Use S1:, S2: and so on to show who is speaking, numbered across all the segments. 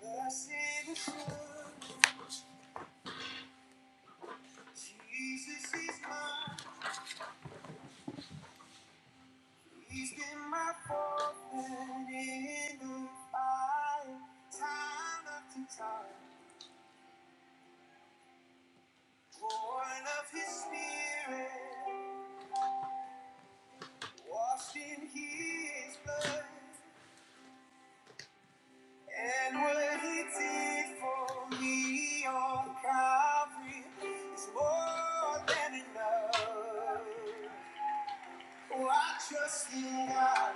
S1: Blessed assurance, Jesus is mine. He's been my fortune in the fire, time after time. Born of His Spirit, washed in His blood, and what He did for me on Calvary is more than enough. Oh, I trust in God.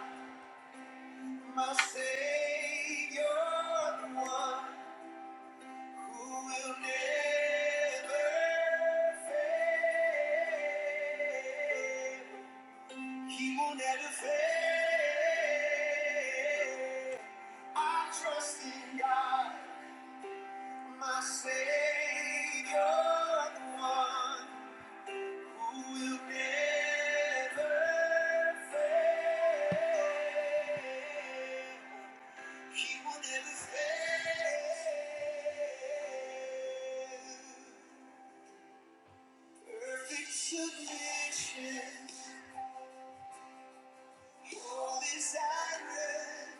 S1: My Savior, the one who will never fail. He will never fail. I trust in God, my Savior, the one who will never fail. He will never fail. Perfect submission, your desire.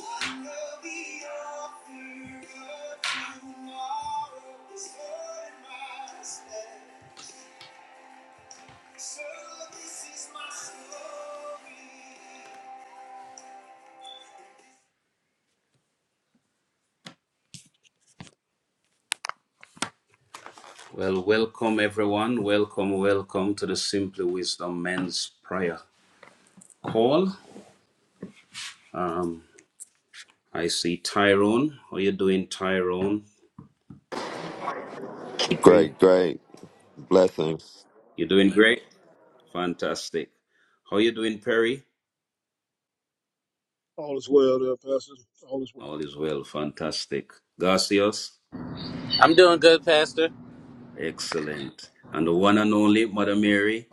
S1: I know the author of tomorrow is Lord my steps. So this is my story. Well, welcome everyone. Welcome, welcome to the Simply Wisdom Men's Prayer Call. Um, I see Tyrone. How you doing, Tyrone? Perry.
S2: Great, great. Blessings.
S1: You doing great? Fantastic. How you doing, Perry?
S3: All is well there, Pastor. All is well.
S1: All is well. Fantastic. Garcios?
S4: I'm doing good, Pastor.
S1: Excellent. And the one and only Mother Mary.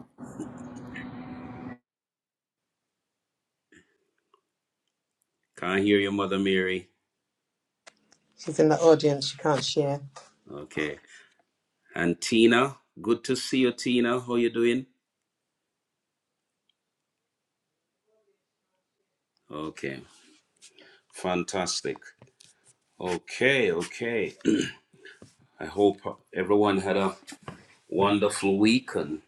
S1: Can't hear you, Mother Mary.
S5: She's in the audience. She can't share.
S1: Okay. And Tina. Good to see you, Tina. How you doing? Okay. Fantastic. Okay, okay. I hope everyone had a wonderful week and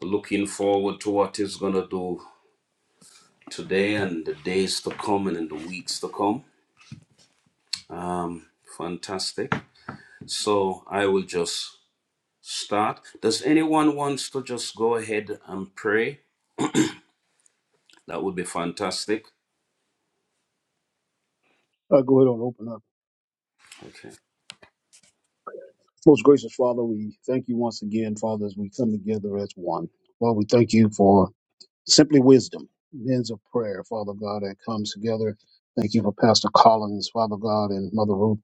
S1: looking forward to what is going to do today and the days to come and in the weeks to come. Um, fantastic. So I will just start. Does anyone wants to just go ahead and pray? That would be fantastic.
S3: Uh, go ahead and open up.
S1: Okay.
S3: Most gracious Father, we thank you once again, Father, as we come together as one. Lord, we thank you for simply wisdom, men's of prayer, Father God, that comes together. Thank you for Pastor Collins, Father God, and Mother Ruth.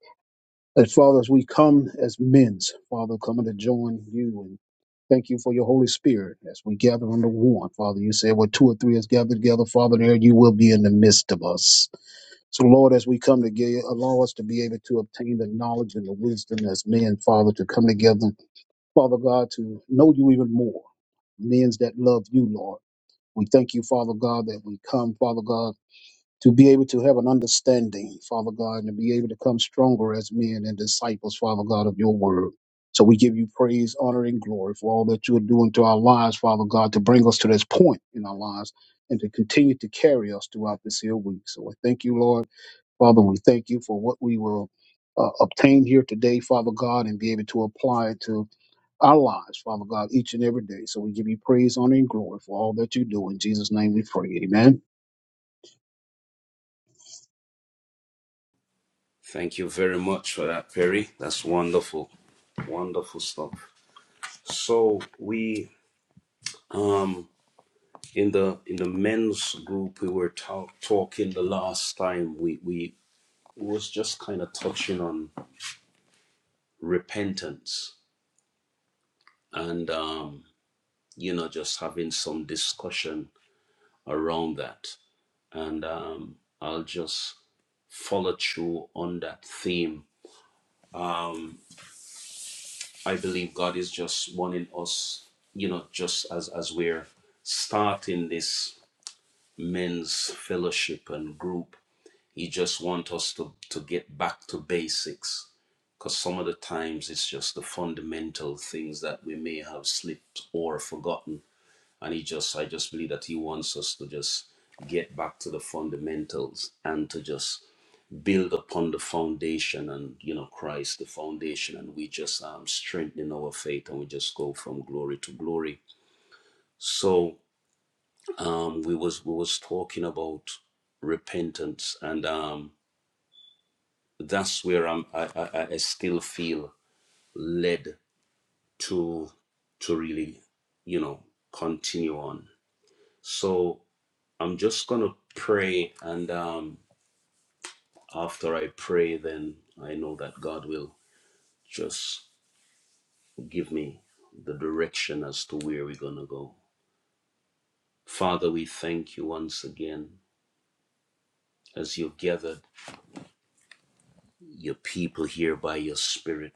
S3: As Father, as we come as men's, Father, coming to join you and Thank you for your Holy Spirit as we gather under one. Father, you said where two or three is gathered together, Father, there you will be in the midst of us. So, Lord, as we come together, allow us to be able to obtain the knowledge and the wisdom as men, Father, to come together, Father God, to know you even more. Men's that love you, Lord. We thank you, Father God, that we come, Father God, to be able to have an understanding, Father God, and to be able to come stronger as men and disciples, Father God, of your word. So we give you praise, honor, and glory for all that you are doing to our lives, Father God, to bring us to this point in our lives and to continue to carry us throughout this here week. So I thank you, Lord. Father, we thank you for what we will uh, obtain here today, Father God, and be able to apply it to our lives, Father God, each and every day. So we give you praise, honor, and glory for all that you do. In Jesus' name we pray. Amen.
S1: Thank you very much for that, Perry. That's wonderful. Wonderful stuff. So we um in the in the men's group we were talk talking the last time we we was just kind of touching on repentance and um you know, just having some discussion around that. And um, I'll just follow through on that theme. Um, I believe God is just wanting us, you know, just as, as we're starting this men's fellowship and group, He just wants us to, to get back to basics. Because some of the times it's just the fundamental things that we may have slipped or forgotten and he just i just believe that he wants us to just get back to the fundamentals and to just build upon the foundation and you know christ the foundation and we just um, strengthen our faith and we just go from glory to glory so um we was we was talking about repentance and um that's where i'm i i, I still feel led to to really you know continue on so I'm just gonna pray, and um, after I pray, then I know that God will just give me the direction as to where we're gonna go. Father, we thank you once again as you've gathered your people here by your Spirit.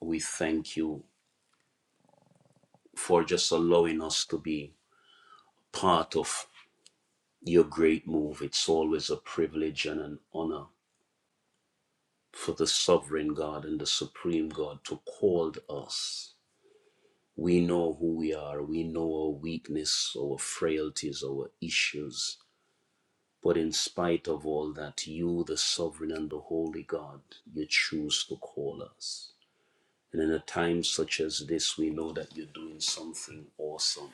S1: We thank you for just allowing us to be part of your great move. It's always a privilege and an honor for the sovereign God and the supreme God to call us We know who we are. We know our weakness, our frailties, our issues. But in spite of all that, you, the sovereign and the holy God, you choose to call us. And in a time such as this, we know that you're doing something awesome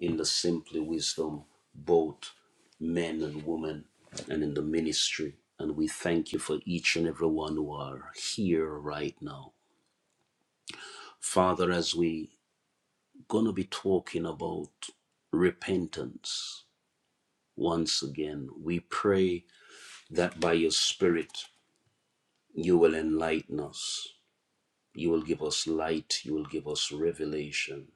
S1: in the Simply Wisdom, both men and women, and in the ministry. And we thank you for each and every one who are here right now. Father, as we going to be talking about repentance once again. We pray that by your Spirit, you will enlighten us. You will give us light. You will give us revelation.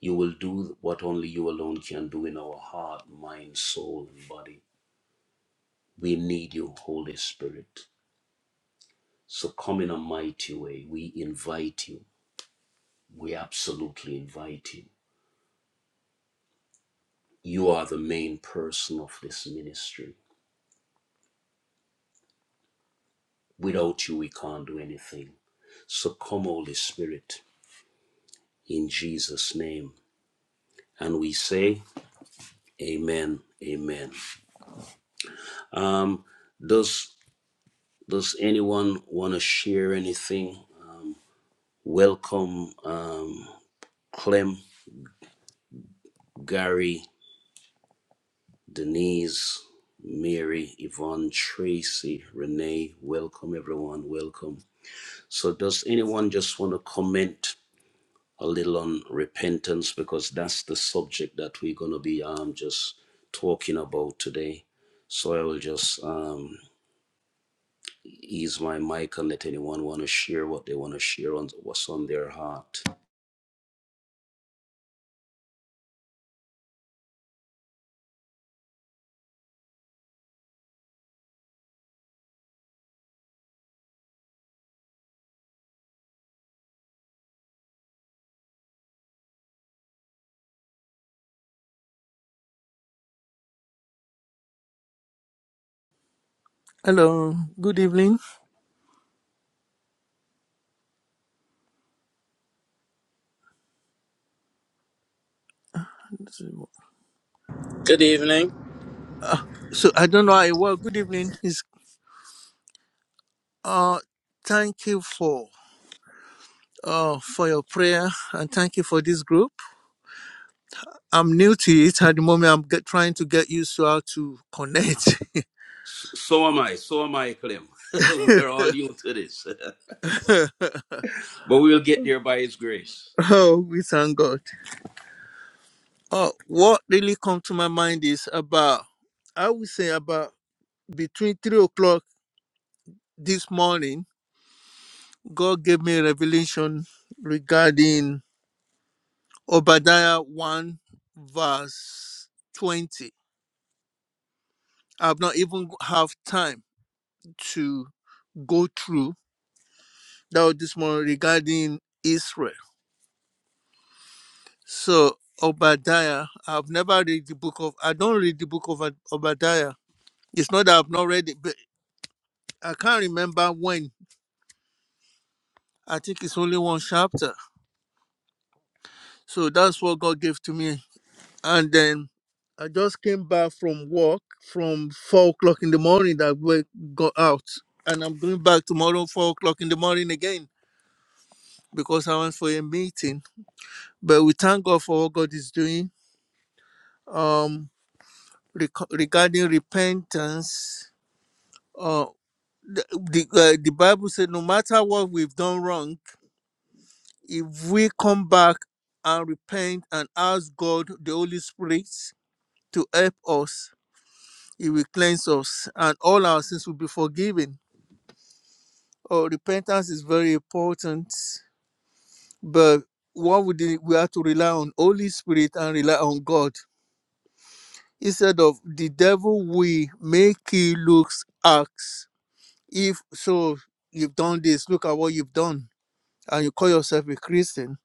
S1: You will do what only you alone can do in our heart, mind, soul, and body. We need you, Holy Spirit. So come in a mighty way. We invite you. We absolutely invite you. You are the main person of this ministry Without you, we can't do anything. So come, Holy Spirit, in Jesus' name. And we say, Amen, Amen. Um, does Does anyone want to share anything? Welcome, um, Clem, Gary, Denise, Mary, Yvonne, Tracy, Renee. Welcome, everyone. Welcome. So, does anyone just want to comment a little on repentance because that's the subject that we're going to be um, just talking about today. So I will just um, ease my mic and let anyone want to share what they want to share on what's on their heart.
S6: Hello, good evening.
S4: Good evening.
S6: Uh, so I don't know how it works. Good evening. Is uh, thank you for uh for your prayer and thank you for this group. I'm new to it at the moment. I'm get, trying to get used to how to connect.
S1: So so am I. So am I, Clem. we are all new to this, but we'll get there by His grace.
S6: oh, we thank God. Uh, what really come to my mind is about I would say about between three o'clock this morning. God gave me a revelation regarding Obadiah 1 verse 20. I've not even have time to go through that was this morning regarding Israel. So Obadiah, I've never read the book of I don't read the book of Ob- Obadiah. It's not that I've not read it, but I can't remember when. I think it's only one chapter. So that's what God gave to me and then I just came back from work from four o'clock in the morning that we got out, and I'm going back tomorrow four o'clock in the morning again because I went for a meeting. But we thank God for what God is doing. Um, reco- regarding repentance, uh, the the, uh, the Bible said no matter what we've done wrong, if we come back and repent and ask God, the Holy Spirit, to help us He will cleanse us, and all our sins will be forgiven. Oh, repentance is very important, but what we did, we have to rely on Holy Spirit and rely on God instead of the devil. We make he looks acts. If so, you've done this. Look at what you've done, and you call yourself a Christian.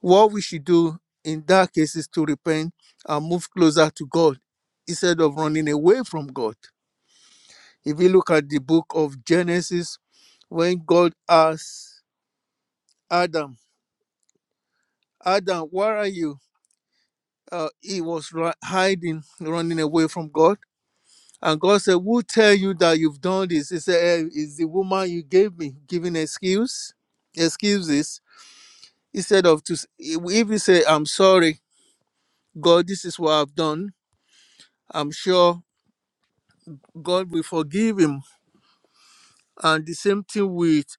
S6: What we should do in that case is to repent and move closer to God instead of running away from God. If you look at the book of Genesis, when God asked Adam, Adam, where are you? Uh, he was ri- hiding, running away from God. And God said, Who tell you that you've done this? He said, "Eh, It's the woman you gave me, giving excuse, excuses. Instead of to, s- if you say, I'm sorry, God, this is what I've done, I'm sure God will forgive him. And the same thing with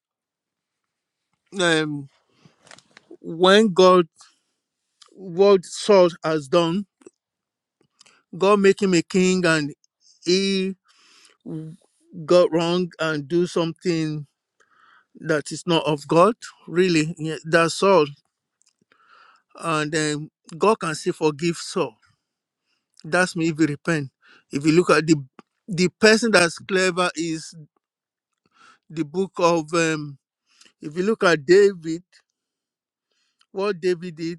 S6: um, when God, what Saul has done, God make him a king and he got wrong and do something that is not of God. Really, yeah, that's all. And then God can still forgive Saul. That's me if you repent. If you look at the the person that's clever is the book of um, if you look at David, what David did,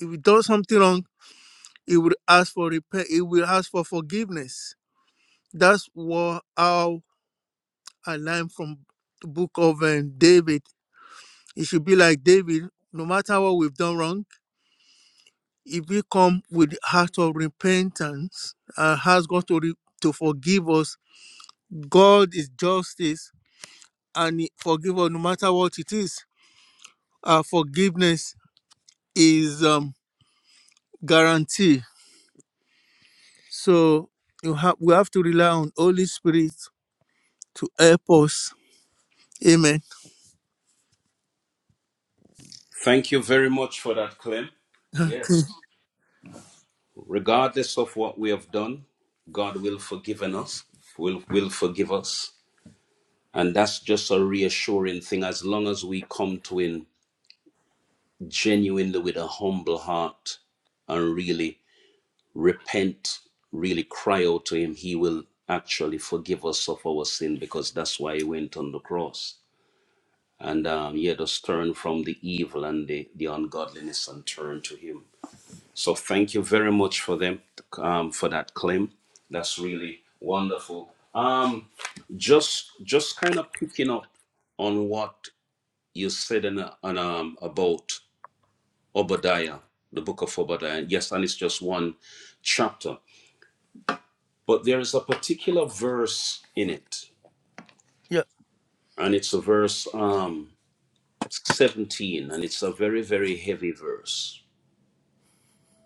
S6: if he does something wrong, he will ask for repent. he will ask for forgiveness. That's what how I learned from the book of um, David It should be like David, no matter what we've done wrong, if we come with the heart of repentance and ask God to, re- to forgive us, God is justice and He forgive us no matter what it is. Our forgiveness is um, guarantee. So you have we have to rely on Holy Spirit to help us. Amen.
S1: Thank you very much for that, Clem.
S6: Okay.
S1: Yes. Regardless of what we have done, God will forgive us. Will will forgive us. And that's just a reassuring thing as long as we come to Him genuinely with a humble heart and really repent, really cry out to Him, He will actually forgive us of our sin because that's why He went on the cross. And um, He had us turn from the evil and the, the ungodliness and turn to Him. So thank you very much for them um, for that claim. That's really wonderful. Um, just just kind of picking up on what you said in a, on, um, about Obadiah, the book of Obadiah. Yes, and it's just one chapter, but there is a particular verse in it,
S6: Yeah.
S1: and it's a verse um, 17, and it's a very, very heavy verse,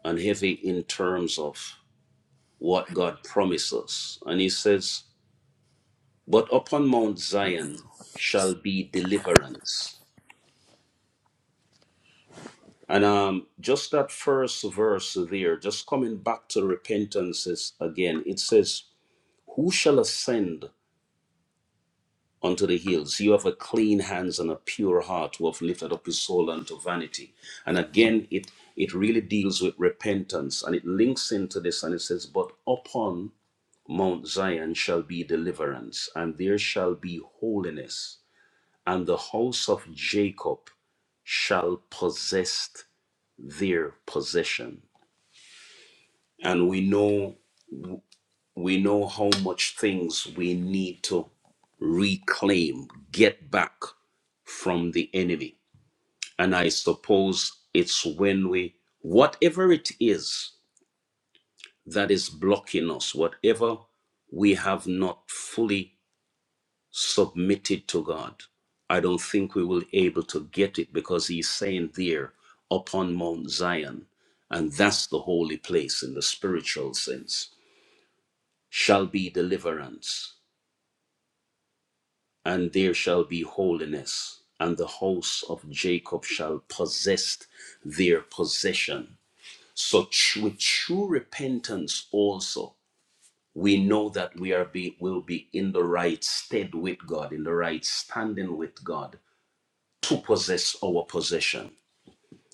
S1: and heavy in terms of what God promises. And He says, "But upon Mount Zion shall be deliverance." And um, just that first verse there, just coming back to repentance again, it says, Who shall ascend unto the hills? You have a clean hands and a pure heart who have lifted up his soul unto vanity. And again, it, it really deals with repentance and it links into this and it says, But upon Mount Zion shall be deliverance, and there shall be holiness, and the house of Jacob shall possess their possession. And we know we know how much things we need to reclaim, get back from the enemy. And I suppose it's when we, whatever it is that is blocking us, whatever we have not fully submitted to God, I don't think we will be able to get it because he's saying there upon Mount Zion, and that's the holy place in the spiritual sense, shall be deliverance and there shall be holiness, and the house of Jacob shall possess their possession. So, tr- with true repentance, also, we know that we are be, will be in the right stead with God, in the right standing with God to possess our possession.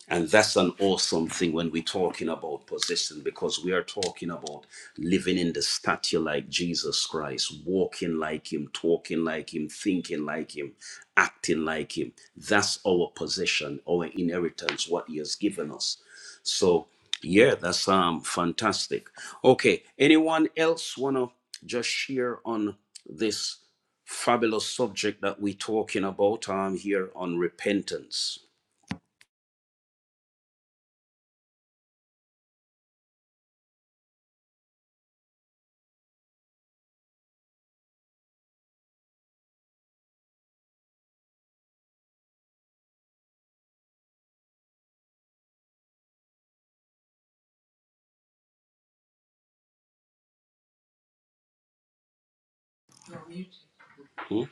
S1: And that's an awesome thing when we're talking about position because we are talking about living in the stature like Jesus Christ, walking like Him, talking like Him, thinking like Him, acting like Him. That's our position, our inheritance, what He has given us. So, yeah, that's um fantastic. Okay, anyone else wanna just share on this fabulous subject that we're talking about um here on repentance? Hmm?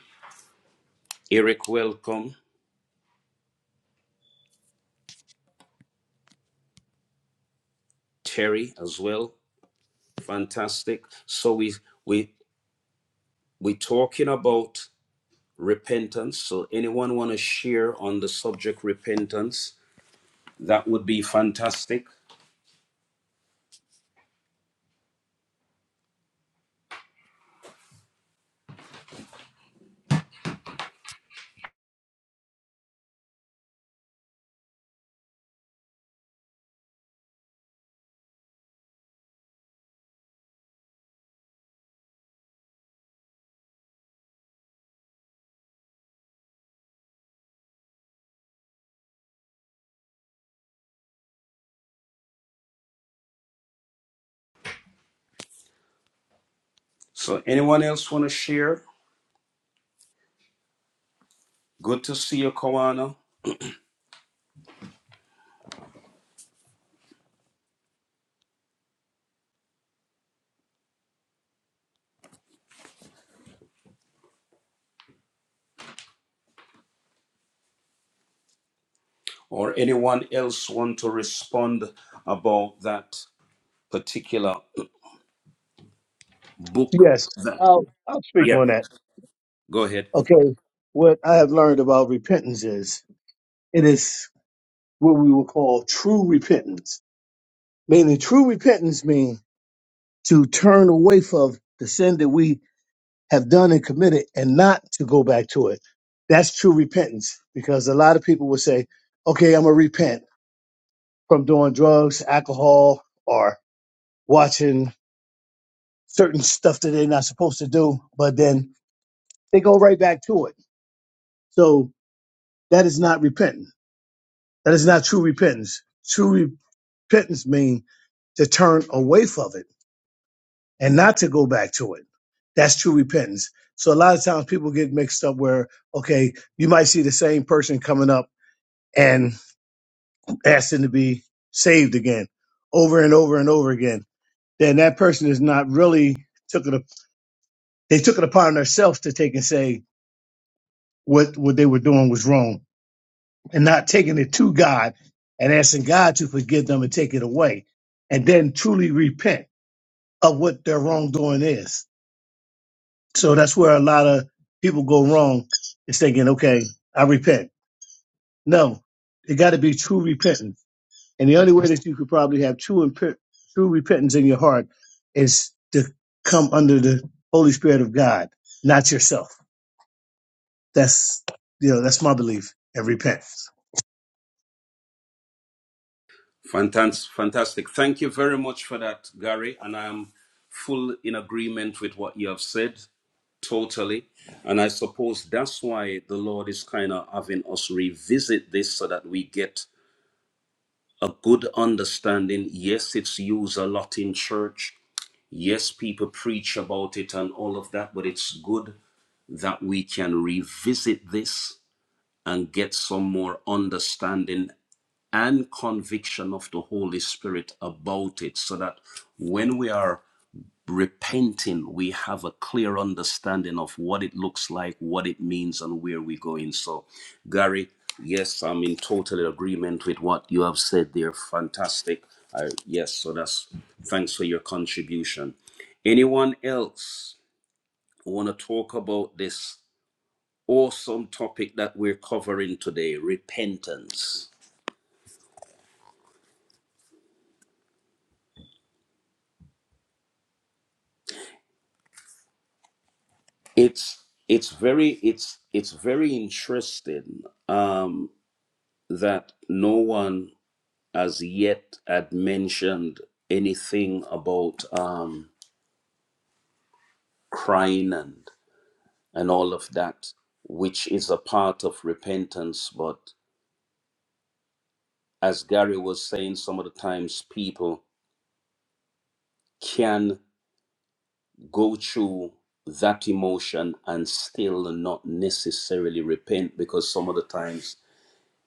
S1: Eric, welcome. Terry as well. Fantastic. So we we we talking about repentance. So anyone want to share on the subject repentance? That would be fantastic. So anyone else want to share? Good to see you, Kawana. Or anyone else want to respond about that particular book?
S7: Yes,
S1: That
S7: I'll I'll speak
S1: yeah.
S7: on that.
S1: Go ahead.
S7: Okay, what I have learned about repentance is it is what we will call true repentance. Meaning, true repentance means to turn away from the sin that we have done and committed, and not to go back to it. That's true repentance because a lot of people will say, "Okay, I'm gonna repent from doing drugs, alcohol, or watching certain stuff that they're not supposed to do," but then they go right back to it. So that is not repentance That is not true repentance. True repentance means to turn away from it and not to go back to it. That's true repentance. So a lot of times people get mixed up where, okay, you might see the same person coming up and asking to be saved again over and over and over again. Then that person is not really took it, up- they took it upon themselves to take and say what, what they were doing was wrong and not taking it to God and asking God to forgive them and take it away and then truly repent of what their wrongdoing is. So that's where a lot of people go wrong is thinking, okay, I repent. No, it got to be true repentance. And the only way that you could probably have true and pe- true repentance in your heart is to come under the Holy Spirit of God, not yourself. That's you know that's my belief and repentance.
S1: Fantastic. Fantastic. Thank you very much for that, Gary. And I am full in agreement with what you have said, totally. And I suppose that's why the Lord is kind of having us revisit this so that we get a good understanding. Yes, it's used a lot in church. Yes, people preach about it and all of that, but it's good that we can revisit this and get some more understanding and conviction of the Holy Spirit about it so that when we are repenting, we have a clear understanding of what it looks like, what it means, and where we're going. So, Gary, yes, I'm in total agreement with what you have said there. Fantastic. I, yes, so that's thanks for your contribution. Anyone else want to talk about this awesome topic that we're covering today repentance? it's it's very it's it's very interesting um that no one as yet had mentioned anything about um crying and and all of that which is a part of repentance but as gary was saying some of the times people can go through that emotion and still not necessarily repent because some of the times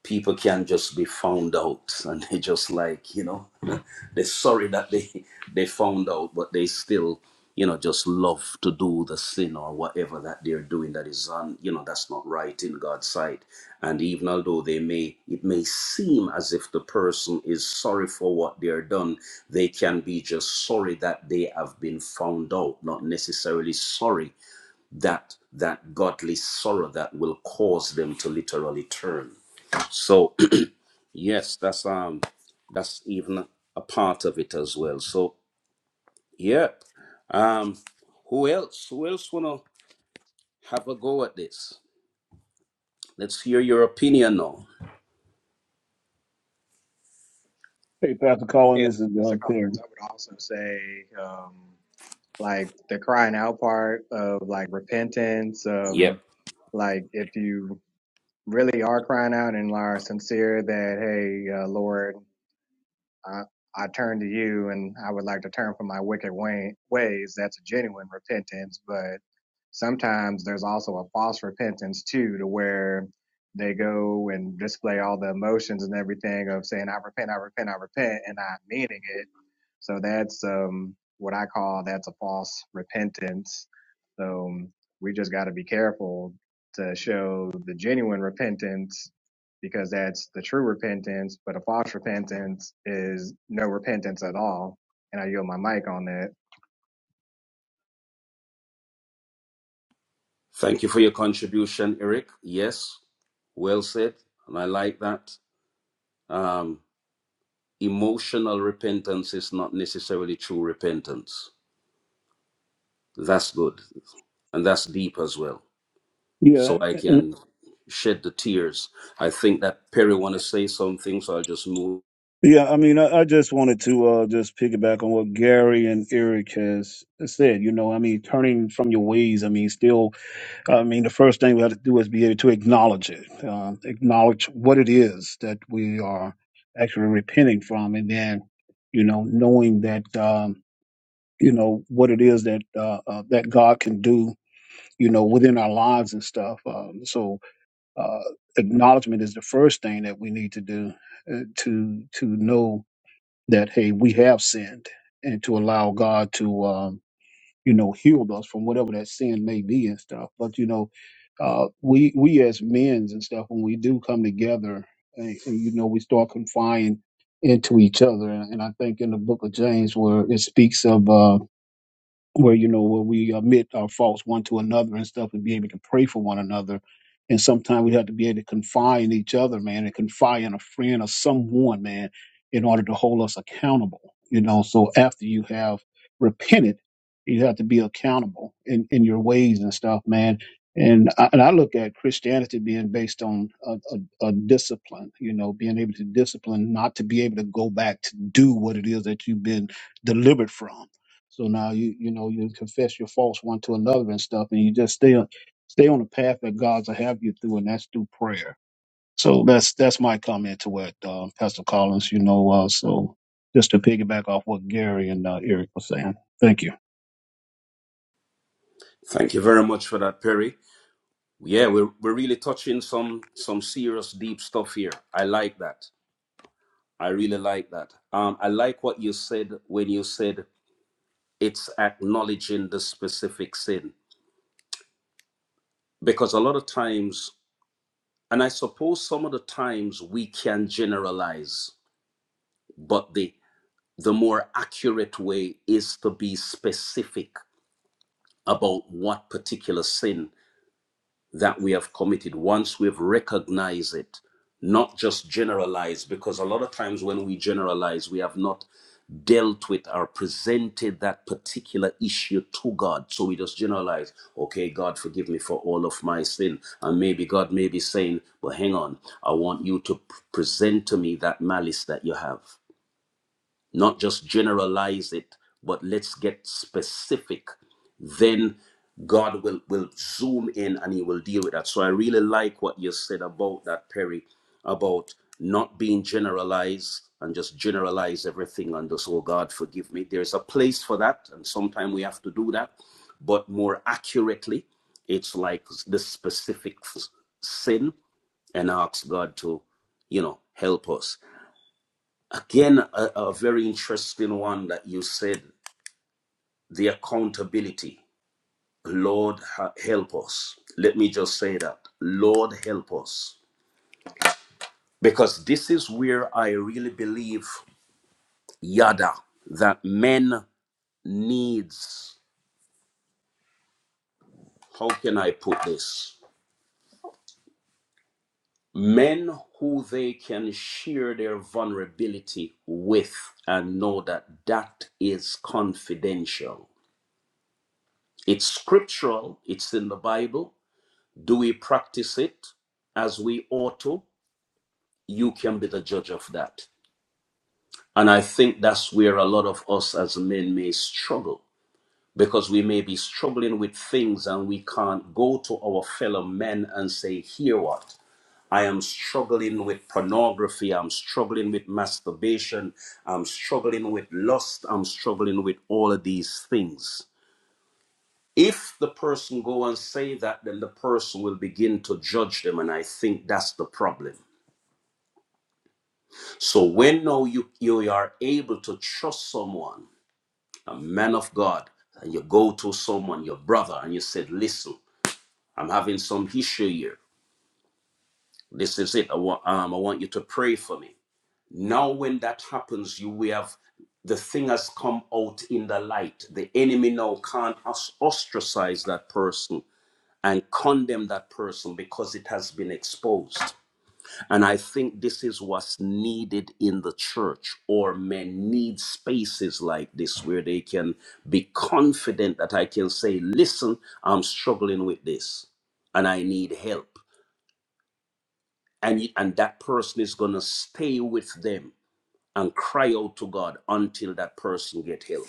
S1: people can just be found out and they just like you know they're sorry that they they found out but they still you know just love to do the sin or whatever that they're doing that is on you know that's not right in god's sight and even although they may it may seem as if the person is sorry for what they're done they can be just sorry that they have been found out not necessarily sorry that that godly sorrow that will cause them to literally turn so Yes, that's um that's even a part of it as well. So yeah. Um who else? Who else wanna have a go at this? Let's hear your opinion now.
S3: Hey, Pastor Colin,
S8: Yeah,
S3: this is uh,
S8: Pastor Collins,
S3: Perry.
S8: I would also say, um, like the crying out part of like repentance. Um,
S1: Yep.
S8: like if you really are crying out and are sincere that, hey, uh, Lord, I, I turn to you and I would like to turn from my wicked way, ways. That's a genuine repentance, but sometimes there's also a false repentance too, to where they go and display all the emotions and everything of saying, I repent, I repent, I repent, and not meaning it. So that's um, what I call that's a false repentance. So we just got to be careful to show the genuine repentance because that's the true repentance. But a false repentance is no repentance at all. And I yield my mic on that.
S1: Thank you for your contribution, Eric. Yes, well said. And I like that. Um emotional repentance is not necessarily true repentance. That's good. And that's deep as well.
S3: Yeah,
S1: So I can shed the tears. I think that Perry wanna say something, so I'll just move
S3: yeah. I mean, I, I just wanted to uh, just piggyback on what Gary and Eric has said. You know, I mean, turning from your ways. I mean, still I mean, the first thing we have to do is be able to acknowledge it, uh, acknowledge what it is that we are actually repenting from, and then, you know, knowing that um, you know what it is that uh, uh, that God can do, you know, within our lives and stuff. Um, so, uh, acknowledgement is the first thing that we need to do uh, to to know that hey, we have sinned, and to allow God to. Um, you know, healed us from whatever that sin may be and stuff. But you know, uh, we we as men's and stuff, when we do come together, and, and, you know, we start confiding into each other. And, I think in the book of James, where it speaks of. Uh, where you know where we admit our faults one to another and stuff and be able to pray for one another and sometimes we have to be able to confide in each other man and confide in a friend or someone man in order to hold us accountable you know so after you have repented you have to be accountable in, in your ways and stuff man and I, and I look at Christianity being based on a, a, a discipline, you know, being able to discipline, not to be able to go back to do what it is that you've been delivered from so now you you know you confess your faults one to another and stuff, and you just stay on stay on the path that God's will have you through, and that's through prayer. So that's that's my comment to what um, Pastor Collins. You know, uh, so just to piggyback off what Gary and uh, Eric were saying. Thank you.
S1: Thank you very much for that, Perry. Yeah, we're we're really touching some some serious deep stuff here. I like that. I really like that. Um, I like what you said when you said it's acknowledging the specific sin because a lot of times, and I suppose some of the times we can generalize, but the the more accurate way is to be specific about what particular sin that we have committed once we've recognized it not just generalize because a lot of times when we generalize we have not dealt with or presented that particular issue to god so we just generalize okay god forgive me for all of my sin and maybe god may be saying "Well, hang on i want you to p- present to me that malice that you have not just generalize it, but let's get specific. Then God will, will zoom in and he will deal with that. So I really like what you said about that, Perry, about not being generalized and just generalize everything and just, oh God, forgive me. There's a place for that, and sometimes we have to do that, but more accurately, it's like the specific sin and ask God to, you know, help us. Again, a, a very interesting one that you said the accountability. Lord, ha- help us. Let me just say that. Lord, help us. Because this is where I really believe, yada, that men needs, how can I put this? Men who they can share their vulnerability with and know that that is confidential. It's scriptural, it's in the Bible, Do we practice it as we ought to? You can be the judge of that. And I think that's where a lot of us as men may struggle because we may be struggling with things and we can't go to our fellow men and say, Here what? I am struggling with pornography. I'm struggling with masturbation. I'm struggling with lust. I'm struggling with all of these things. If the person go and say that, then the person will begin to judge them, and I think that's the problem So when now you, you are able to trust someone, a man of God, and you go to someone, your brother, and you said, listen, I'm having some issue here. This is it. I want, um, I want you to pray for me. Now when that happens, you we have the thing has come out in the light. The enemy now can't os- ostracize that person and condemn that person because it has been exposed. And I think this is what's needed in the church, or men need spaces like this where they can be confident that I can say, listen, I'm struggling with this and I need help. And, y- and that person is going to stay with them and cry out to God until that person get help.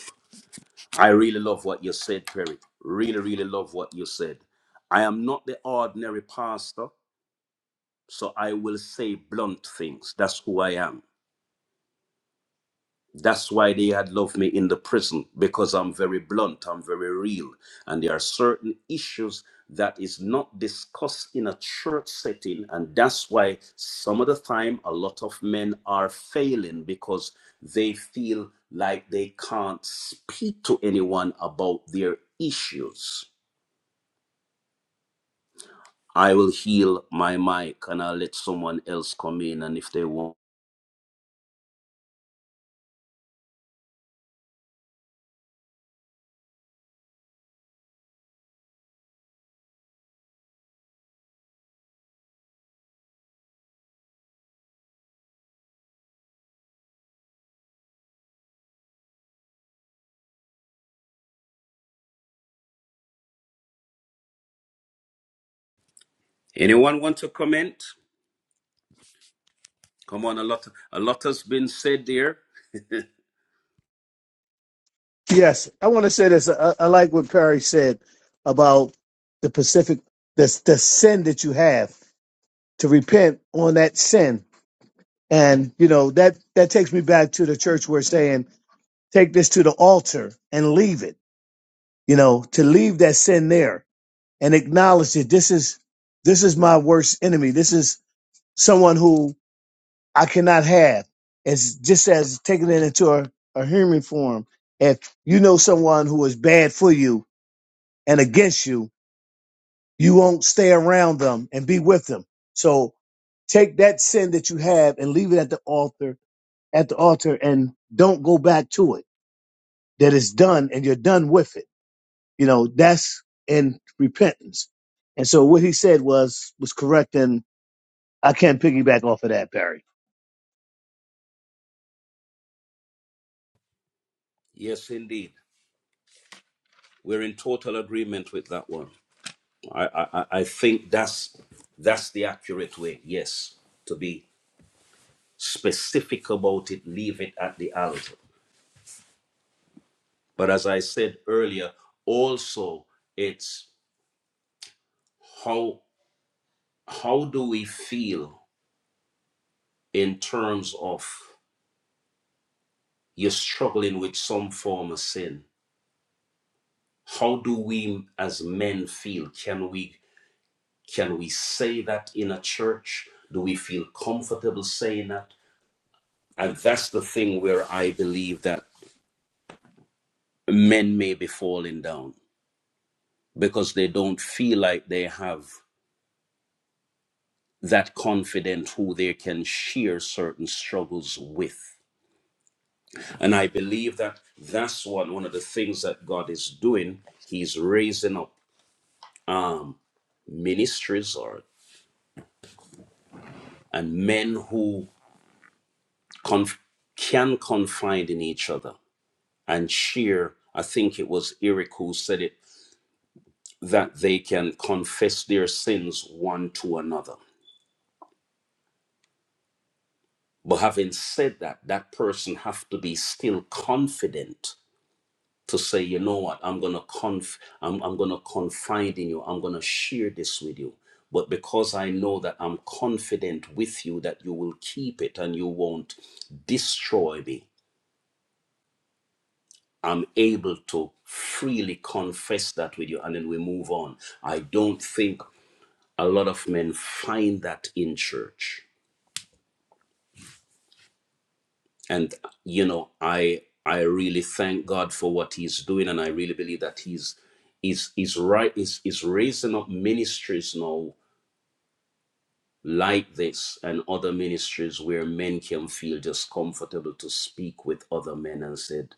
S1: I really love what you said, Perry. Really, really love what you said. I am not the ordinary pastor, so I will say blunt things. That's who I am. That's why they had loved me in the prison because I'm very blunt, I'm very real. And there are certain issues that is not discussed in a church setting. And that's why some of the time a lot of men are failing because they feel like they can't speak to anyone about their issues. I will heal my mic and I'll let someone else come in. And if they want, anyone want to comment? Come on, a lot, a lot has been said there.
S7: Yes, I want to say this. I, I like what Perry said about the Pacific, the, the sin that you have to repent on that sin, and you know that that takes me back to the church where saying take this to the altar and leave it. You know, to leave that sin there and acknowledge that this is this is my worst enemy. This is someone who I cannot have. It's just as taking it into a, a human form. If you know someone who is bad for you and against you, You won't stay around them and be with them. So take that sin that you have and leave it at the altar, at the altar and don't go back to it. That is done and you're done with it. You know, that's in repentance. And so what he said was, was correct. And I can't piggyback off of that, Barry.
S1: Yes, indeed. We're in total agreement with that one. I, I, I think that's that's the accurate way, yes, to be specific about it, leave it at the altar. But as I said earlier, also it's how how do we feel in terms of you're struggling with some form of sin? How do we as men feel? Can we can we say that in a church? Do we feel comfortable saying that? And that's the thing where I believe that men may be falling down because they don't feel like they have that confident who they can share certain struggles with. And I believe that that's one, one of the things that God is doing. He's raising up um, ministries or and men who conf- can confide in each other and share. I think it was Eric who said it that they can confess their sins one to another. But having said that, that person have to be still confident to say, you know what, I'm gonna conf I'm, I'm gonna confide in you, I'm gonna share this with you. But because I know that I'm confident with you that you will keep it and you won't destroy me, I'm able to freely confess that with you and then we move on. I don't think a lot of men find that in church and you know i i really thank god for what he's doing and i really believe that he's he's he's right he's, he's raising up ministries now like this and other ministries where men can feel just comfortable to speak with other men and said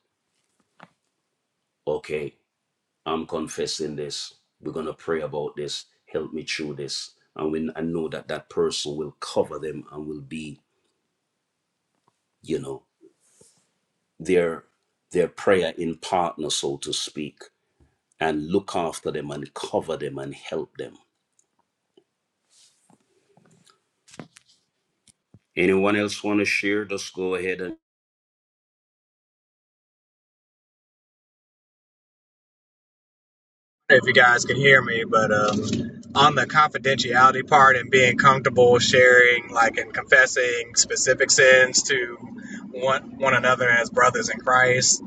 S1: okay i'm confessing this we're going to pray about this help me through this and when i know that that person will cover them and will be you know their their prayer in partner so to speak and look after them and cover them and help them. Anyone else want to share? Just go ahead and
S8: I don't know if you guys can hear me, but um, on the confidentiality part and being comfortable sharing, like, and confessing specific sins to one one another as brothers in Christ,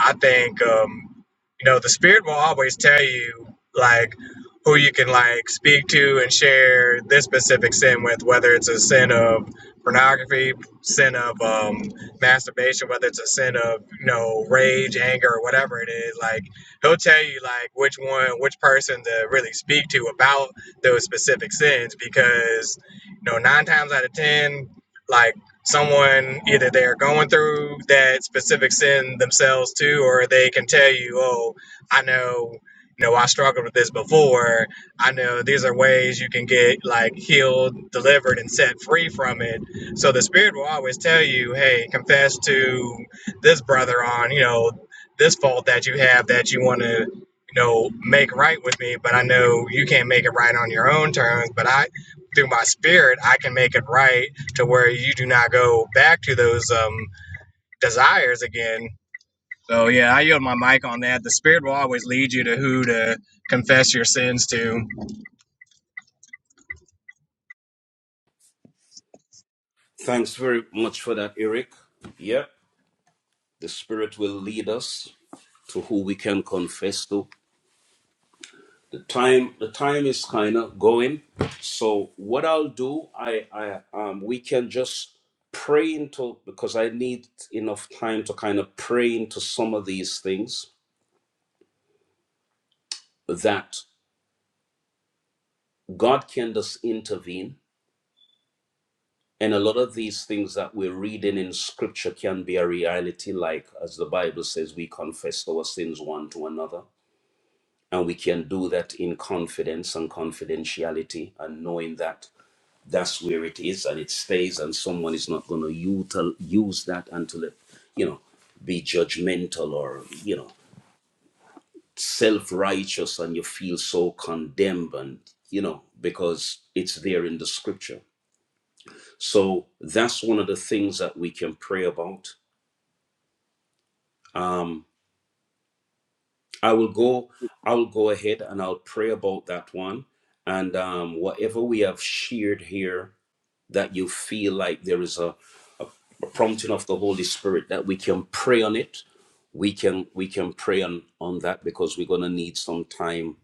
S8: I think um, you know the Spirit will always tell you like who you can like speak to and share this specific sin with, whether it's a sin of pornography, sin of um, masturbation, whether it's a sin of you know rage, anger, or whatever it is, like he'll tell you like which one which person to really speak to about those specific sins because you know nine times out of ten like someone either they're going through that specific sin themselves too or they can tell you oh i know you know i struggled with this before i know these are ways you can get like healed delivered and set free from it so the spirit will always tell you hey confess to this brother on you know this fault that you have that you want to you know make right with me but i know you can't make it right on your own terms but i through my spirit i can make it right to where you do not go back to those um desires again so yeah i yield my mic on that the spirit will always lead you to who to confess your sins to
S1: thanks very much for that, Eric. Yep, the Spirit will lead us to who we can confess to. The time, the time is kind of going. So what I'll do, I, I, um, we can just pray into because I need enough time to kind of pray into some of these things that God can just intervene And a lot of these things that we're reading in scripture can be a reality, like as the Bible says, we confess our sins one to another. And we can do that in confidence and confidentiality and knowing that that's where it is and it stays, and someone is not going to use that until it, you know, be judgmental or, you know, self righteous and you feel so condemned and, you know, because it's there in the scripture. So that's one of the things that we can pray about Um, I will go. I will go ahead and I'll pray about that one. And um, whatever we have shared here, that you feel like there is a, a prompting of the Holy Spirit that we can pray on it. We can we can pray on on that because we're gonna need some time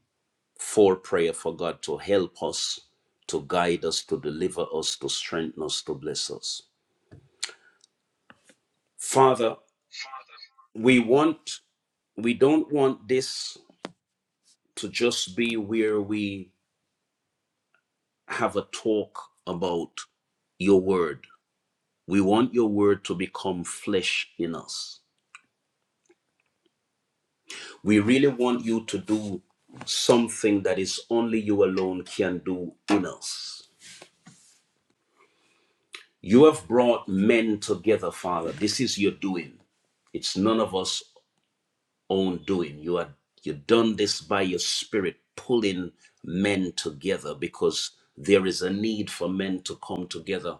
S1: for prayer for God to help us, to guide us, to deliver us, to strengthen us, to bless us. Father, we want we don't want this to just be where we have a talk about your word. We want your word to become flesh in us. We really want you to do something that is only you alone can do in us. You have brought men together, Father. This is your doing. It's none of us own doing. You are you done this by your spirit pulling men together because there is a need for men to come together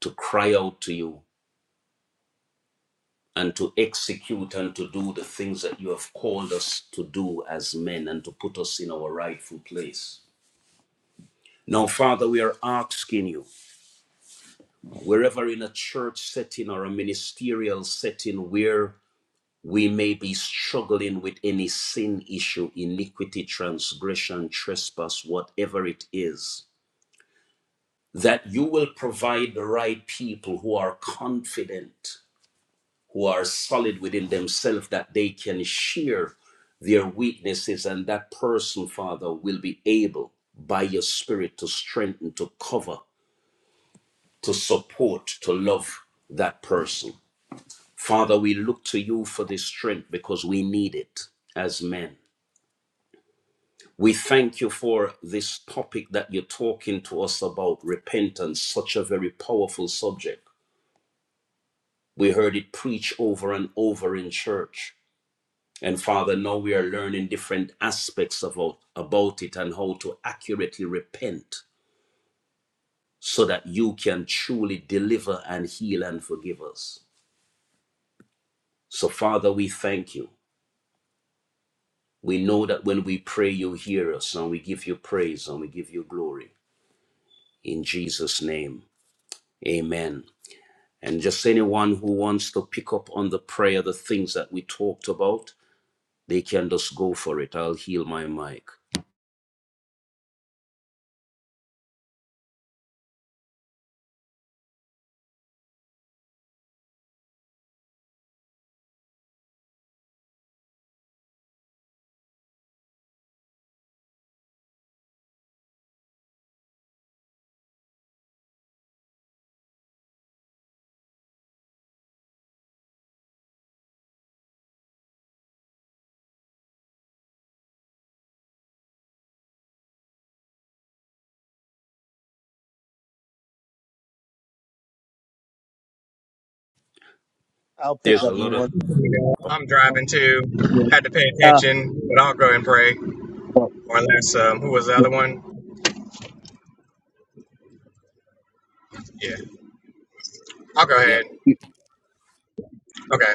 S1: to cry out to you and to execute and to do the things that you have called us to do as men and to put us in our rightful place. Now, Father, we are asking you, wherever in a church setting or a ministerial setting where we may be struggling with any sin issue, iniquity, transgression, trespass, whatever it is, that you will provide the right people who are confident who are solid within themselves that they can share their weaknesses and that person father will be able by your spirit to strengthen to cover to support to love that person father we look to you for this strength because we need it as men we thank you for this topic that you're talking to us about repentance such a very powerful subject we heard it preached over and over in church And Father, now we are learning different aspects about, about it and how to accurately repent so that you can truly deliver and heal and forgive us. So, Father, we thank you. We know that when we pray, you hear us and we give you praise and we give you glory. In Jesus' name, amen. And just anyone who wants to pick up on the prayer, the things that we talked about, they can just go for it. I'll heal my mic.
S7: I'll pick
S1: There's a
S7: up the
S1: lot of,
S7: one.
S8: i'm
S3: Oh,
S8: driving too
S3: yeah,
S8: had to pay
S7: Uh,
S8: attention but i'll go ahead and pray
S3: well,
S8: or unless um, who was the other one yeah i'll go ahead
S1: yep,
S3: yeah,
S8: okay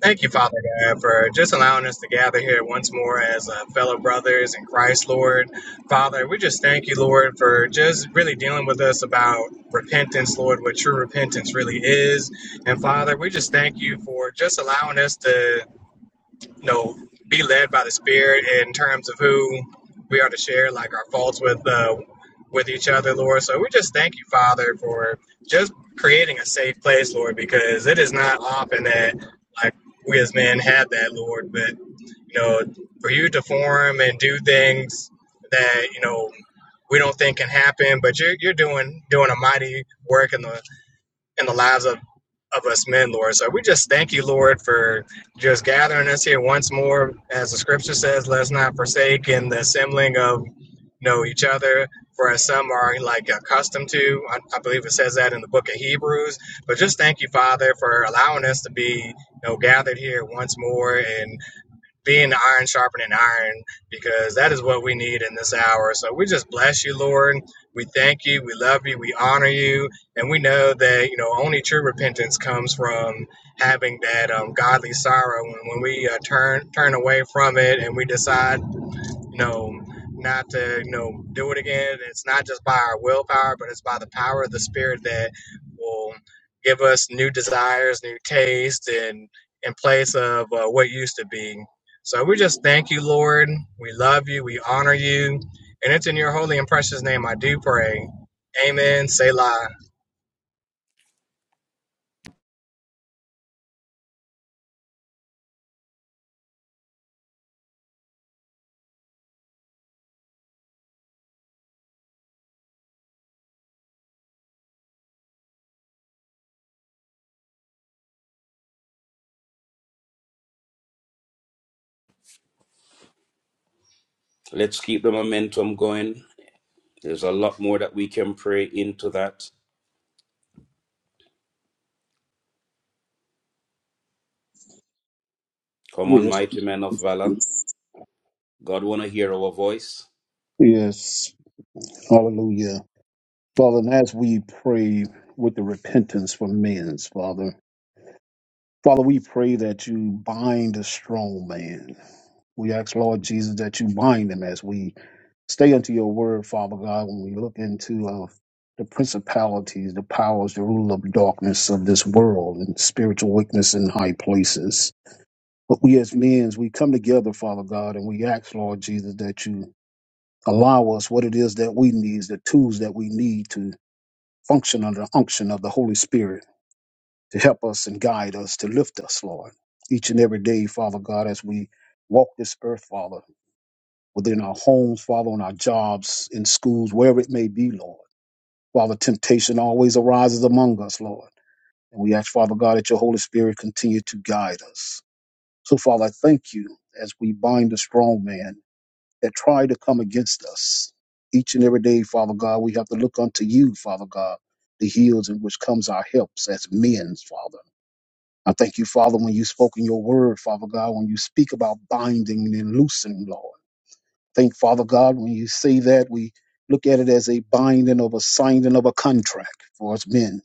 S8: Thank you, Father God, for just allowing us to gather here once more as uh, fellow brothers in Christ, Lord. Father, we just thank you, Lord, for just really dealing with us about repentance, Lord, what true repentance really is. And Father, we just thank you for just allowing us to you know, be led by the Spirit in terms of who we are to share, like our faults with uh, with each other, Lord. So we just thank you, Father, for just creating a safe place, Lord, because it is not often that like we as men have that, Lord. But you know, for you to form and do things that you know we don't think can happen, but you're you're doing doing a mighty work in the in the lives of, of us men, Lord. So we just thank you, Lord, for just gathering us here once more. As the scripture says, let's not forsake in the assembling of you know each other, for as some are like accustomed to. I, I believe it says that in the book of Hebrews. But just thank you, Father, for allowing us to be you know gathered here once more and being iron sharpening iron because that is what we need in this hour. So we just bless you, Lord. We thank you. We love you. We honor you. And we know that, you know, only true repentance comes from having that um, godly sorrow when, when we uh, turn turn away from it and we decide you know, not to, you know, do it again. It's not just by our willpower, but it's by the power of the Spirit that will give us new desires, new taste, and in place of uh, what used to be. So we just thank you, Lord. We love you. We honor you. And it's in your holy and precious name I do pray. Amen. Selah.
S1: let's keep the momentum going. There's a lot more that we can pray into that. Come on,
S3: Yes,
S1: mighty men of valor. God wanna hear our voice.
S3: yes, hallelujah. Father, and as we pray with the repentance for men's, Father, Father, we pray that you bind the strong man. We ask, Lord Jesus, that you bind them as we stay unto your word, Father God, when we look into uh, the principalities, the powers, the rule of darkness of this world and spiritual weakness in high places. But we as men, we come together, Father God, and we ask, Lord Jesus, that you allow us what it is that we need, the tools that we need to function under the unction of the Holy Spirit to help us and guide us, to lift us, Lord, each and every day, Father God, as we walk this earth, Father within our homes, Father, on our jobs, in schools, wherever it may be, Lord. Father, temptation always arises among us, Lord. And we ask, Father God, that your Holy Spirit continue to guide us. So, Father, I thank you as we bind the strong man that try to come against us. Each and every day, Father God, we have to look unto you, Father God, the heels in which comes our helps as men, Father. I thank you, Father, when you spoke in your word, Father God, when you speak about binding and loosing, Lord think, Father God, when you say that, we look at it as a binding of a signing of a contract for us men,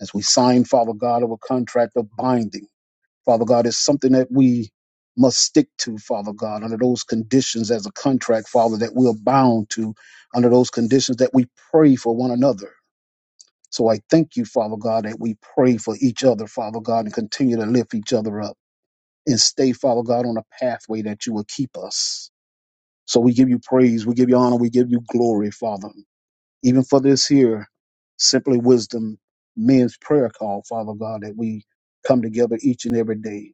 S3: As we sign, Father God, of a contract of binding. Father God, is something that we must stick to, Father God, under those conditions as a contract, Father, that we're bound to, under those conditions that we pray for one another. So I thank you, Father God, that we pray for each other, Father God, and continue to lift each other up and stay, Father God, on a pathway that you will keep us. So we give you praise, we give you honor, we give you glory, Father. Even for this here, simply wisdom, men's prayer call, Father God, that we come together each and every day.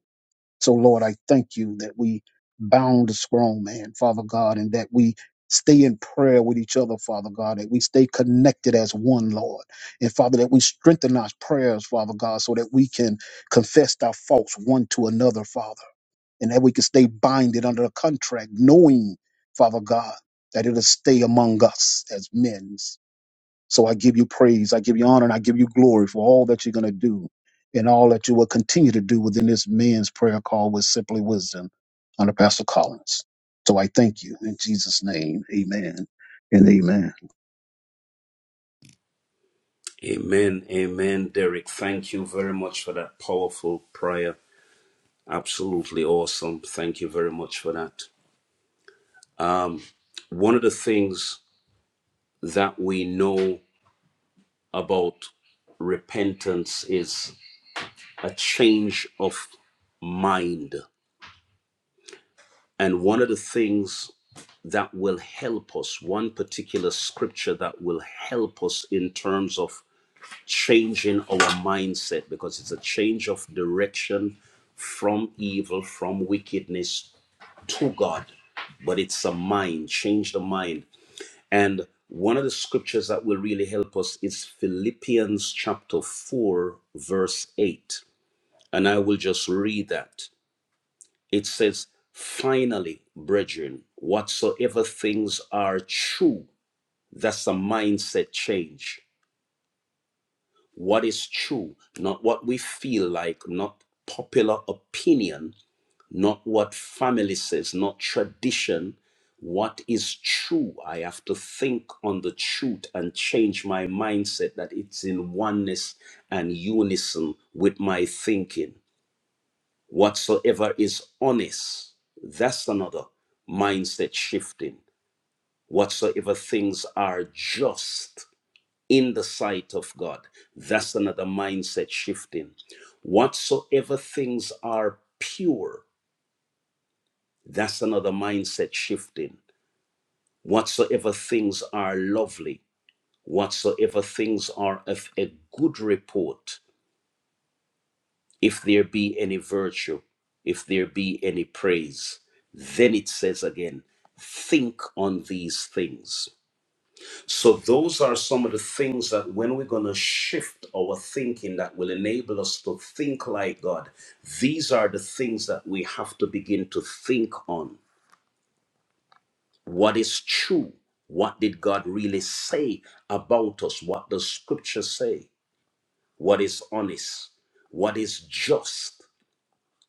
S3: So Lord, I thank you that we bound the strong man, Father God, and that we stay in prayer with each other, Father God, that we stay connected as one, Lord. And Father, that we strengthen our prayers, Father God, so that we can confess our faults one to another, Father and that we can stay binded under a contract, knowing, Father God, that it'll stay among us as men. So I give you praise, I give you honor, and I give you glory for all that you're going to do and all that you will continue to do within this men's prayer call with Simply Wisdom under Pastor Collins. So I thank you in Jesus' name. Amen and amen.
S1: Amen. Amen. Derek, thank you very much for that powerful prayer. Absolutely awesome. Thank you very much for that. Um, one of the things that we know about repentance is a change of mind. And one of the things that will help us, one particular scripture that will help us in terms of changing our mindset, because it's a change of direction from evil, from wickedness to God. But it's a mind, change the mind. And one of the scriptures that will really help us is Philippians chapter 4, verse 8. And I will just read that. It says, Finally, brethren, whatsoever things are true that's a mindset change. What is true, not what we feel like, not popular opinion, not what family says, not tradition. What is true? I have to think on the truth and change my mindset that it's in oneness and unison with my thinking. Whatsoever is honest, that's another mindset shifting. Whatsoever things are just, in the sight of God. That's another mindset shifting. Whatsoever things are pure, that's another mindset shifting. Whatsoever things are lovely, whatsoever things are of a good report, if there be any virtue, if there be any praise, then it says again, think on these things. So those are some of the things that when we're going to shift our thinking that will enable us to think like God, these are the things that we have to begin to think on. What is true? What did God really say about us? What does scripture say? What is honest? What is just?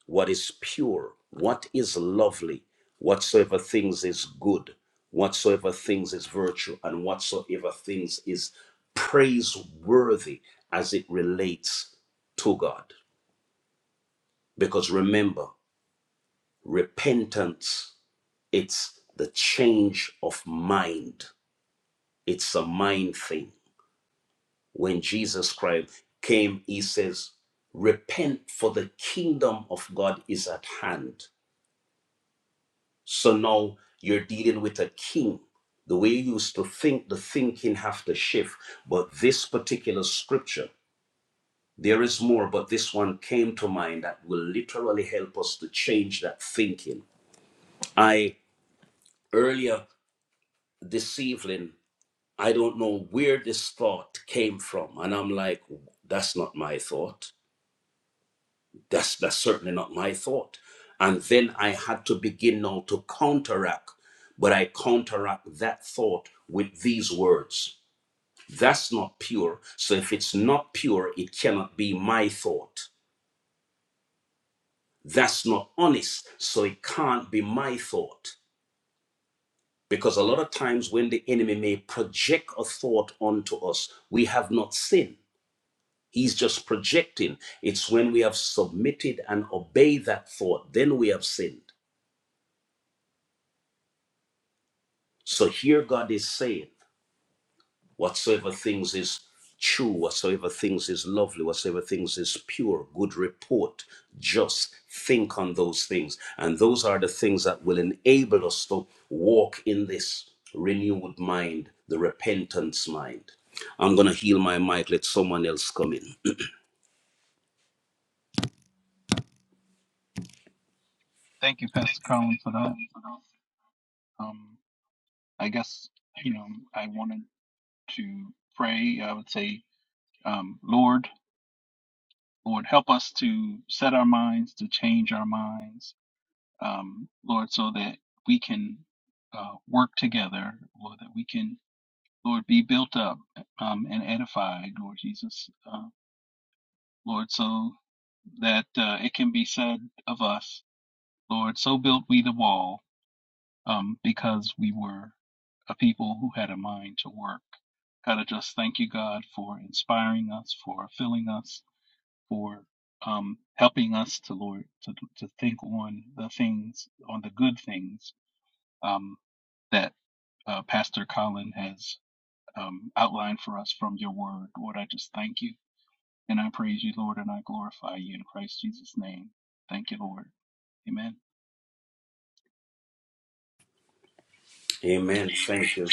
S1: what is pure, what is lovely, whatsoever things is good, whatsoever things is virtue, and whatsoever things is praiseworthy as it relates to God. Because remember, repentance, it's the change of mind. It's a mind thing. When Jesus Christ came, he says, Repent, for the kingdom of God is at hand So now you're dealing with a king. The way you used to think, the thinking have to shift. But this particular scripture, there is more, but this one came to mind that will literally help us to change that thinking. I earlier this evening, I don't know where this thought came from. And I'm like, that's not my thought. That's that's certainly not my thought. And then I had to begin now to counteract, but I counteract that thought with these words. That's not pure. So if it's not pure, it cannot be my thought. That's not honest. So it can't be my thought. Because a lot of times when the enemy may project a thought onto us, we have not sinned. He's just projecting. It's when we have submitted and obeyed that thought, then we have sinned. So here God is saying, whatsoever things is true, whatsoever things is lovely, whatsoever things is pure, good report, just think on those things. And those are the things that will enable us to walk in this renewed mind, the repentance mind. I'm going to heal my mic, let someone else come in.
S9: Thank you, Pastor Colin, for that. Um, I guess, you know, I wanted to pray. I would say, um, Lord, Lord, help us to set our minds, to change our minds, um, Lord, so that we can uh, work together, Lord, that we can, Lord, be built up um, and edified, Lord Jesus, uh, Lord, so that uh, it can be said of us, Lord, so built we the wall um, because we were a people who had a mind to work. God, I just thank you, God, for inspiring us, for filling us, for um, helping us to Lord to to think on the things, on the good things um, that uh, Pastor Colin has um, outlined for us from Your Word. Lord, I just thank you and I praise you, Lord, and I glorify you in Christ Jesus' name. Thank you, Lord. Amen.
S1: Amen. Thank you.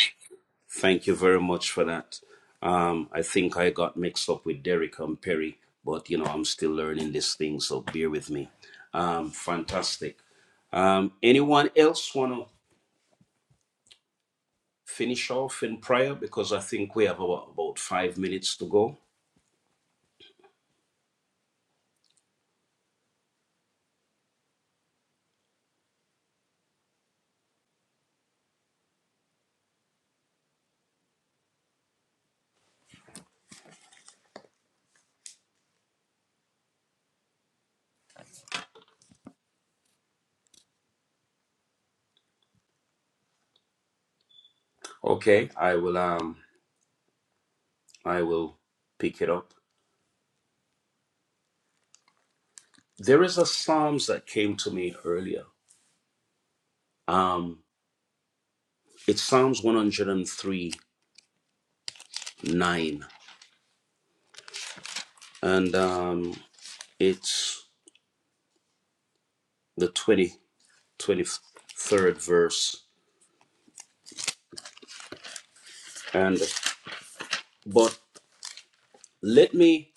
S1: Thank you very much for that. Um, I think I got mixed up with Derek and Perry, but you know, I'm still learning this thing, so bear with me. Um, fantastic. Um, anyone else want to finish off in prayer? Because I think we have about, about five minutes to go. Okay, I will. Um, I will pick it up. There is a Psalms that came to me earlier. Um, it's Psalms 103, 9, and um, it's the 20. 23rd verse. And but let me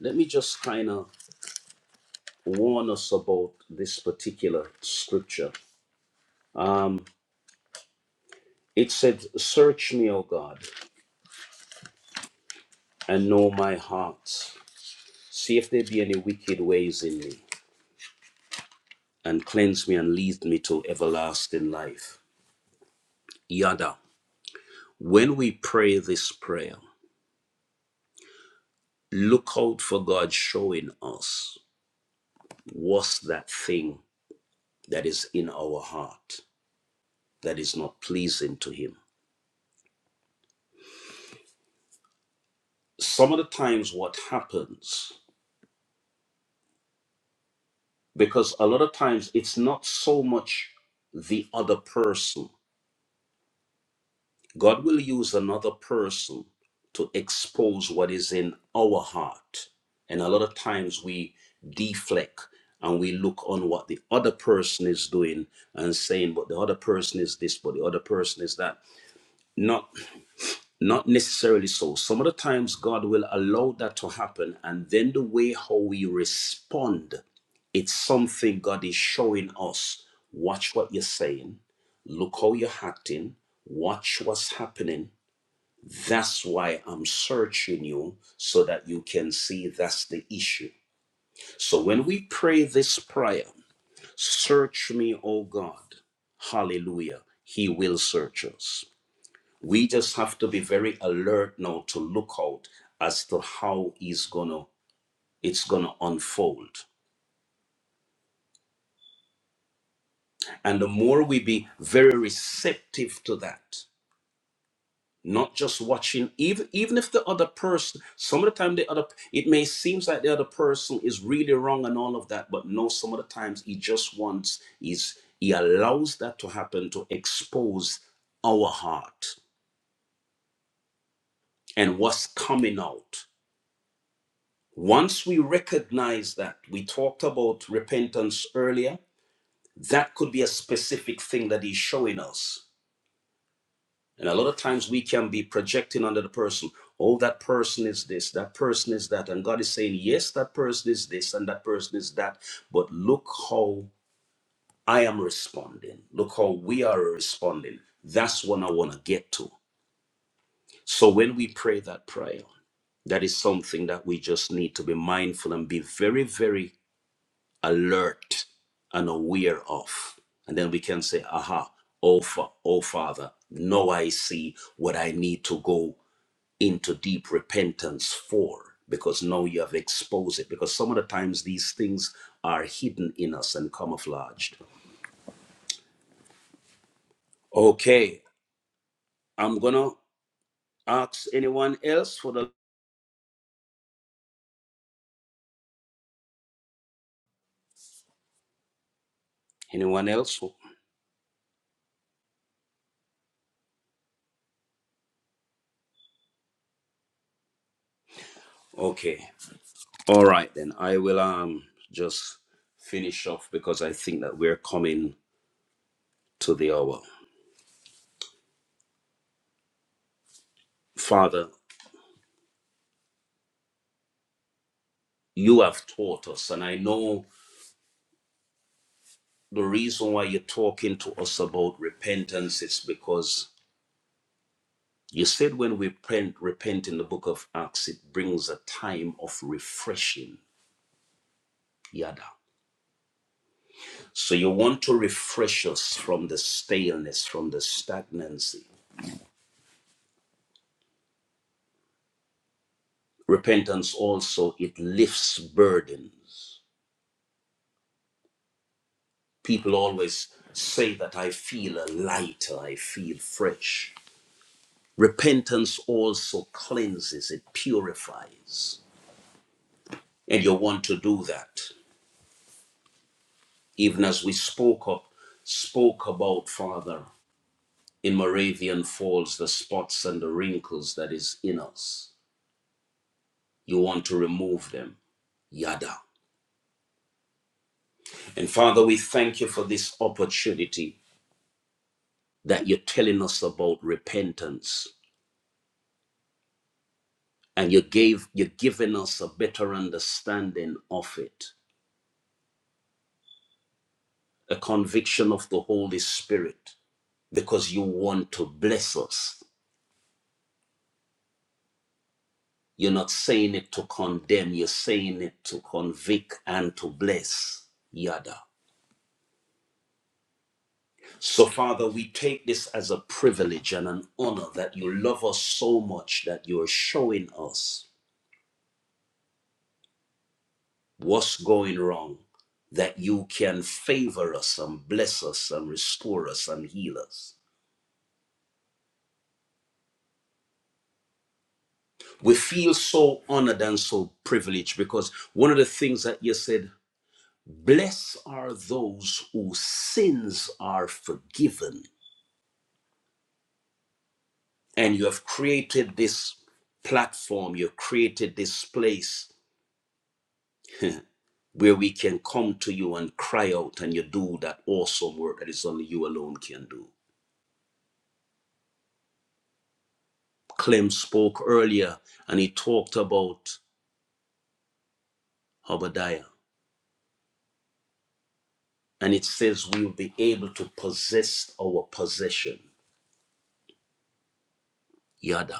S1: let me just kind of warn us about this particular scripture. Um, it said, "Search me, O God, and know my heart. See if there be any wicked ways in me, and cleanse me and lead me to everlasting life." Yada. When we pray this prayer, look out for God showing us what's that thing that is in our heart that is not pleasing to him. Some of the times, what happens, because a lot of times it's not so much the other person, God will use another person to expose what is in our heart. And a lot of times we deflect and we look on what the other person is doing and saying, but the other person is this, but the other person is that. not. Not necessarily so. Some of the times God will allow that to happen, and then the way how we respond, it's something God is showing us. Watch what you're saying, look how you're acting, watch what's happening. That's why I'm searching you so that you can see that's the issue. So when we pray this prayer, search me, O God, hallelujah, He will search us. We just have to be very alert now to look out as to how he's gonna it's gonna unfold. And the more we be very receptive to that, not just watching, even even if the other person, some of the time the other it may seems like the other person is really wrong and all of that, but no, some of the times he just wants is he allows that to happen to expose our heart and what's coming out. Once we recognize that, we talked about repentance earlier, that could be a specific thing that he's showing us. And a lot of times we can be projecting under the person, oh, that person is this, that person is that. And God is saying, yes, that person is this and that person is that. But look how I am responding. Look how we are responding. That's what I want to get to. So when we pray that prayer, that is something that we just need to be mindful and be very, very alert and aware of. And then we can say, aha, oh, fa- oh Father, now I see what I need to go into deep repentance for because now you have exposed it. Because some of the times these things are hidden in us and camouflaged. Okay, I'm going to ask anyone else for the. Anyone else? Okay. All right, then I will um just finish off because I think that we're coming to the hour. Father, you have taught us. And I know the reason why you're talking to us about repentance is because you said when we repent, repent in the book of Acts, it brings a time of refreshing. Yada. So you want to refresh us from the staleness, from the stagnancy. Repentance also, it lifts burdens. People always say that I feel lighter, I feel fresh. Repentance also cleanses, it purifies. and you want to do that even as we spoke up spoke about father in moravian falls the spots and the wrinkles that is in us you want to remove them yada and father we thank you for this opportunity that you're telling us about repentance and you gave you're giving us a better understanding of it a conviction of the holy spirit because you want to bless us You're not saying it to condemn, you're saying it to convict and to bless. Yada. So, Father, we take this as a privilege and an honor that you love us so much that you're showing us what's going wrong, that you can favor us and bless us and restore us and heal us. We feel so honored and so privileged because one of the things that you said, blessed are those whose sins are forgiven and you have created this platform, you've created this place where we can come to you and cry out and you do that awesome work that is only you alone can do. Clem spoke earlier and he talked about Obadiah, and it says we will be able to possess our possession. Yada.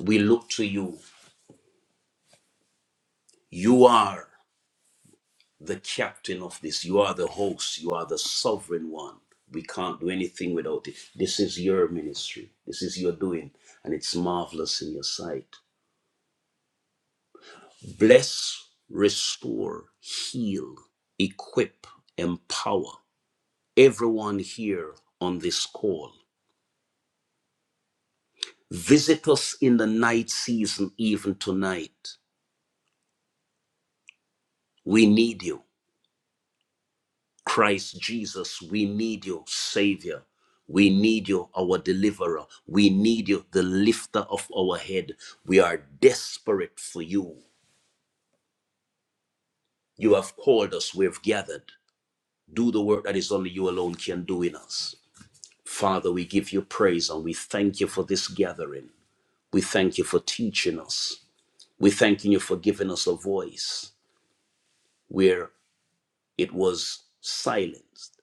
S1: We look to you. You are. the captain of this. You are the host. You are the sovereign one. We can't do anything without it. This is your ministry. This is your doing, and it's marvelous in your sight. Bless, restore, heal, equip, empower everyone here on this call. Visit us in the night season, even tonight. We need you. Christ Jesus, we need you, Savior. We need you, our deliverer. We need you, the lifter of our head. We are desperate for you. You have called us, we have gathered. Do the work that is only you alone can do in us. Father, we give you praise and we thank you for this gathering. We thank you for teaching us. We thank you for giving us a voice where it was silenced.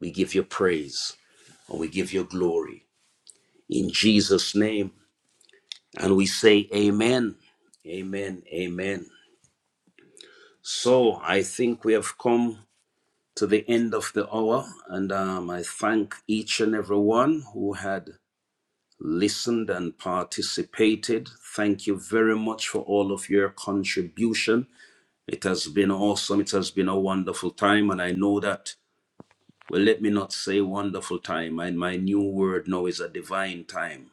S1: We give you praise and we give you glory. in Jesus' name. And we say, Amen, Amen, Amen. So I think we have come to the end of the hour, and um, I thank each and everyone who had listened and participated. Thank you very much for all of your contribution. It has been awesome. It has been a wonderful time, and I know that. Well, let me not say wonderful time. And my new word now is a divine time.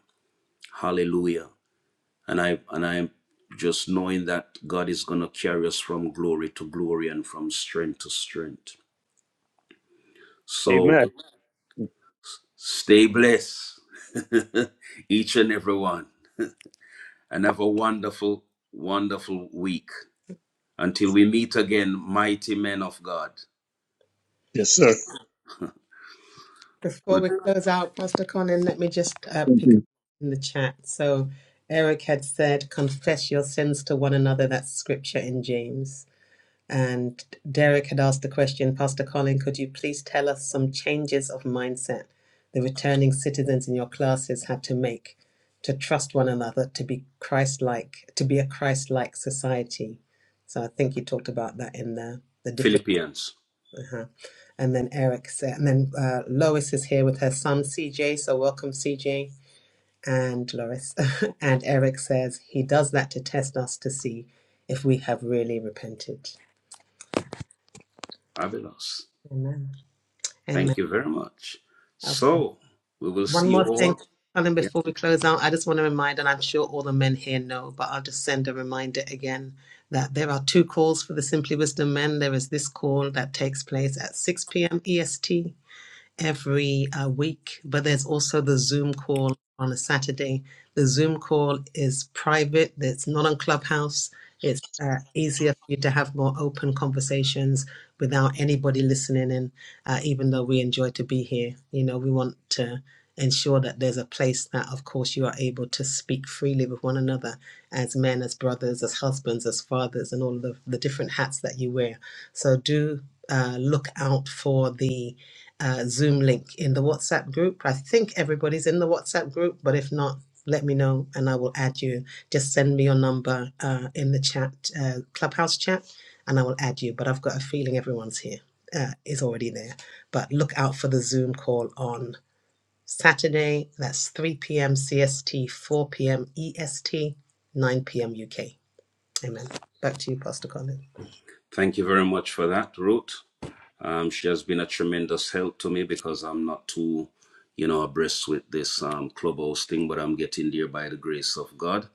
S1: Hallelujah. and I and I'm just knowing that God is gonna carry us from glory to glory and from strength to strength. So
S7: amen.
S1: stay blessed, each and every one, and have a wonderful, wonderful week. Until we meet again, mighty men of God.
S7: Yes, sir.
S5: Before
S1: Good
S5: we close out, Pastor Conan, let me just uh, pick up in the chat. So Eric had said, confess your sins to one another. That's scripture in James. And Derek had asked the question, Pastor Colin, could you please tell us some changes of mindset the returning citizens in your classes had to make to trust one another, to be Christ-like, to be a Christ-like society? So I think you talked about that in the the different
S1: Philippians.
S5: Uh-huh. And then Eric said, and then uh, Lois is here with her son CJ. So welcome CJ and Lois. and Eric says he does that to test us to see if we have really repented.
S1: Fabulous.
S5: Amen. Amen.
S1: Thank you very much.
S5: Okay.
S1: So we will
S5: One
S1: see you
S5: more thing,
S1: all.
S5: Colin,
S1: Yeah.
S5: before we close out, I just want to remind, and I'm sure all the men here know, but I'll just send a reminder again that there are two calls for the Simply Wisdom men. There is this call that takes place at 6 p.m. EST every uh, week, but there's also the Zoom call on a Saturday. The Zoom call is private, it's not on Clubhouse. It's uh, easier for you to have more open conversations without anybody listening in, uh, even though we enjoy to be here. You know, we want to ensure that there's a place that, of course, you are able to speak freely with one another as men, as brothers, as husbands, as fathers, and all of the, the different hats that you wear. So do uh, look out for the uh, Zoom link in the WhatsApp group. I think everybody's in the WhatsApp group, but if not, let me know and I will add you. Just send me your number uh, in the chat, uh, Clubhouse chat, and I will add you. But I've got a feeling everyone's here, uh, is already there. But look out for the Zoom call on Saturday. That's 3 p.m. CST, 4 p.m. EST, 9 p.m. UK. Amen. Back to you, Pastor Colin.
S1: Thank you very much for that, Ruth. Um, she has been a tremendous help to me because I'm not too, you know, abreast with this um, clubhouse thing, but I'm getting there by the grace of God.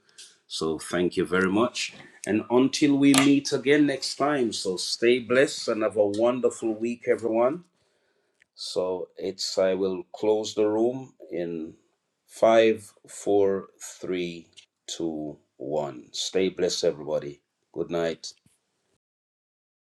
S1: So thank you very much. And until we meet again next time, so stay blessed and have a wonderful week, everyone. So it's, I will close the room in five, four, three, two, one. Stay blessed, everybody. Good night.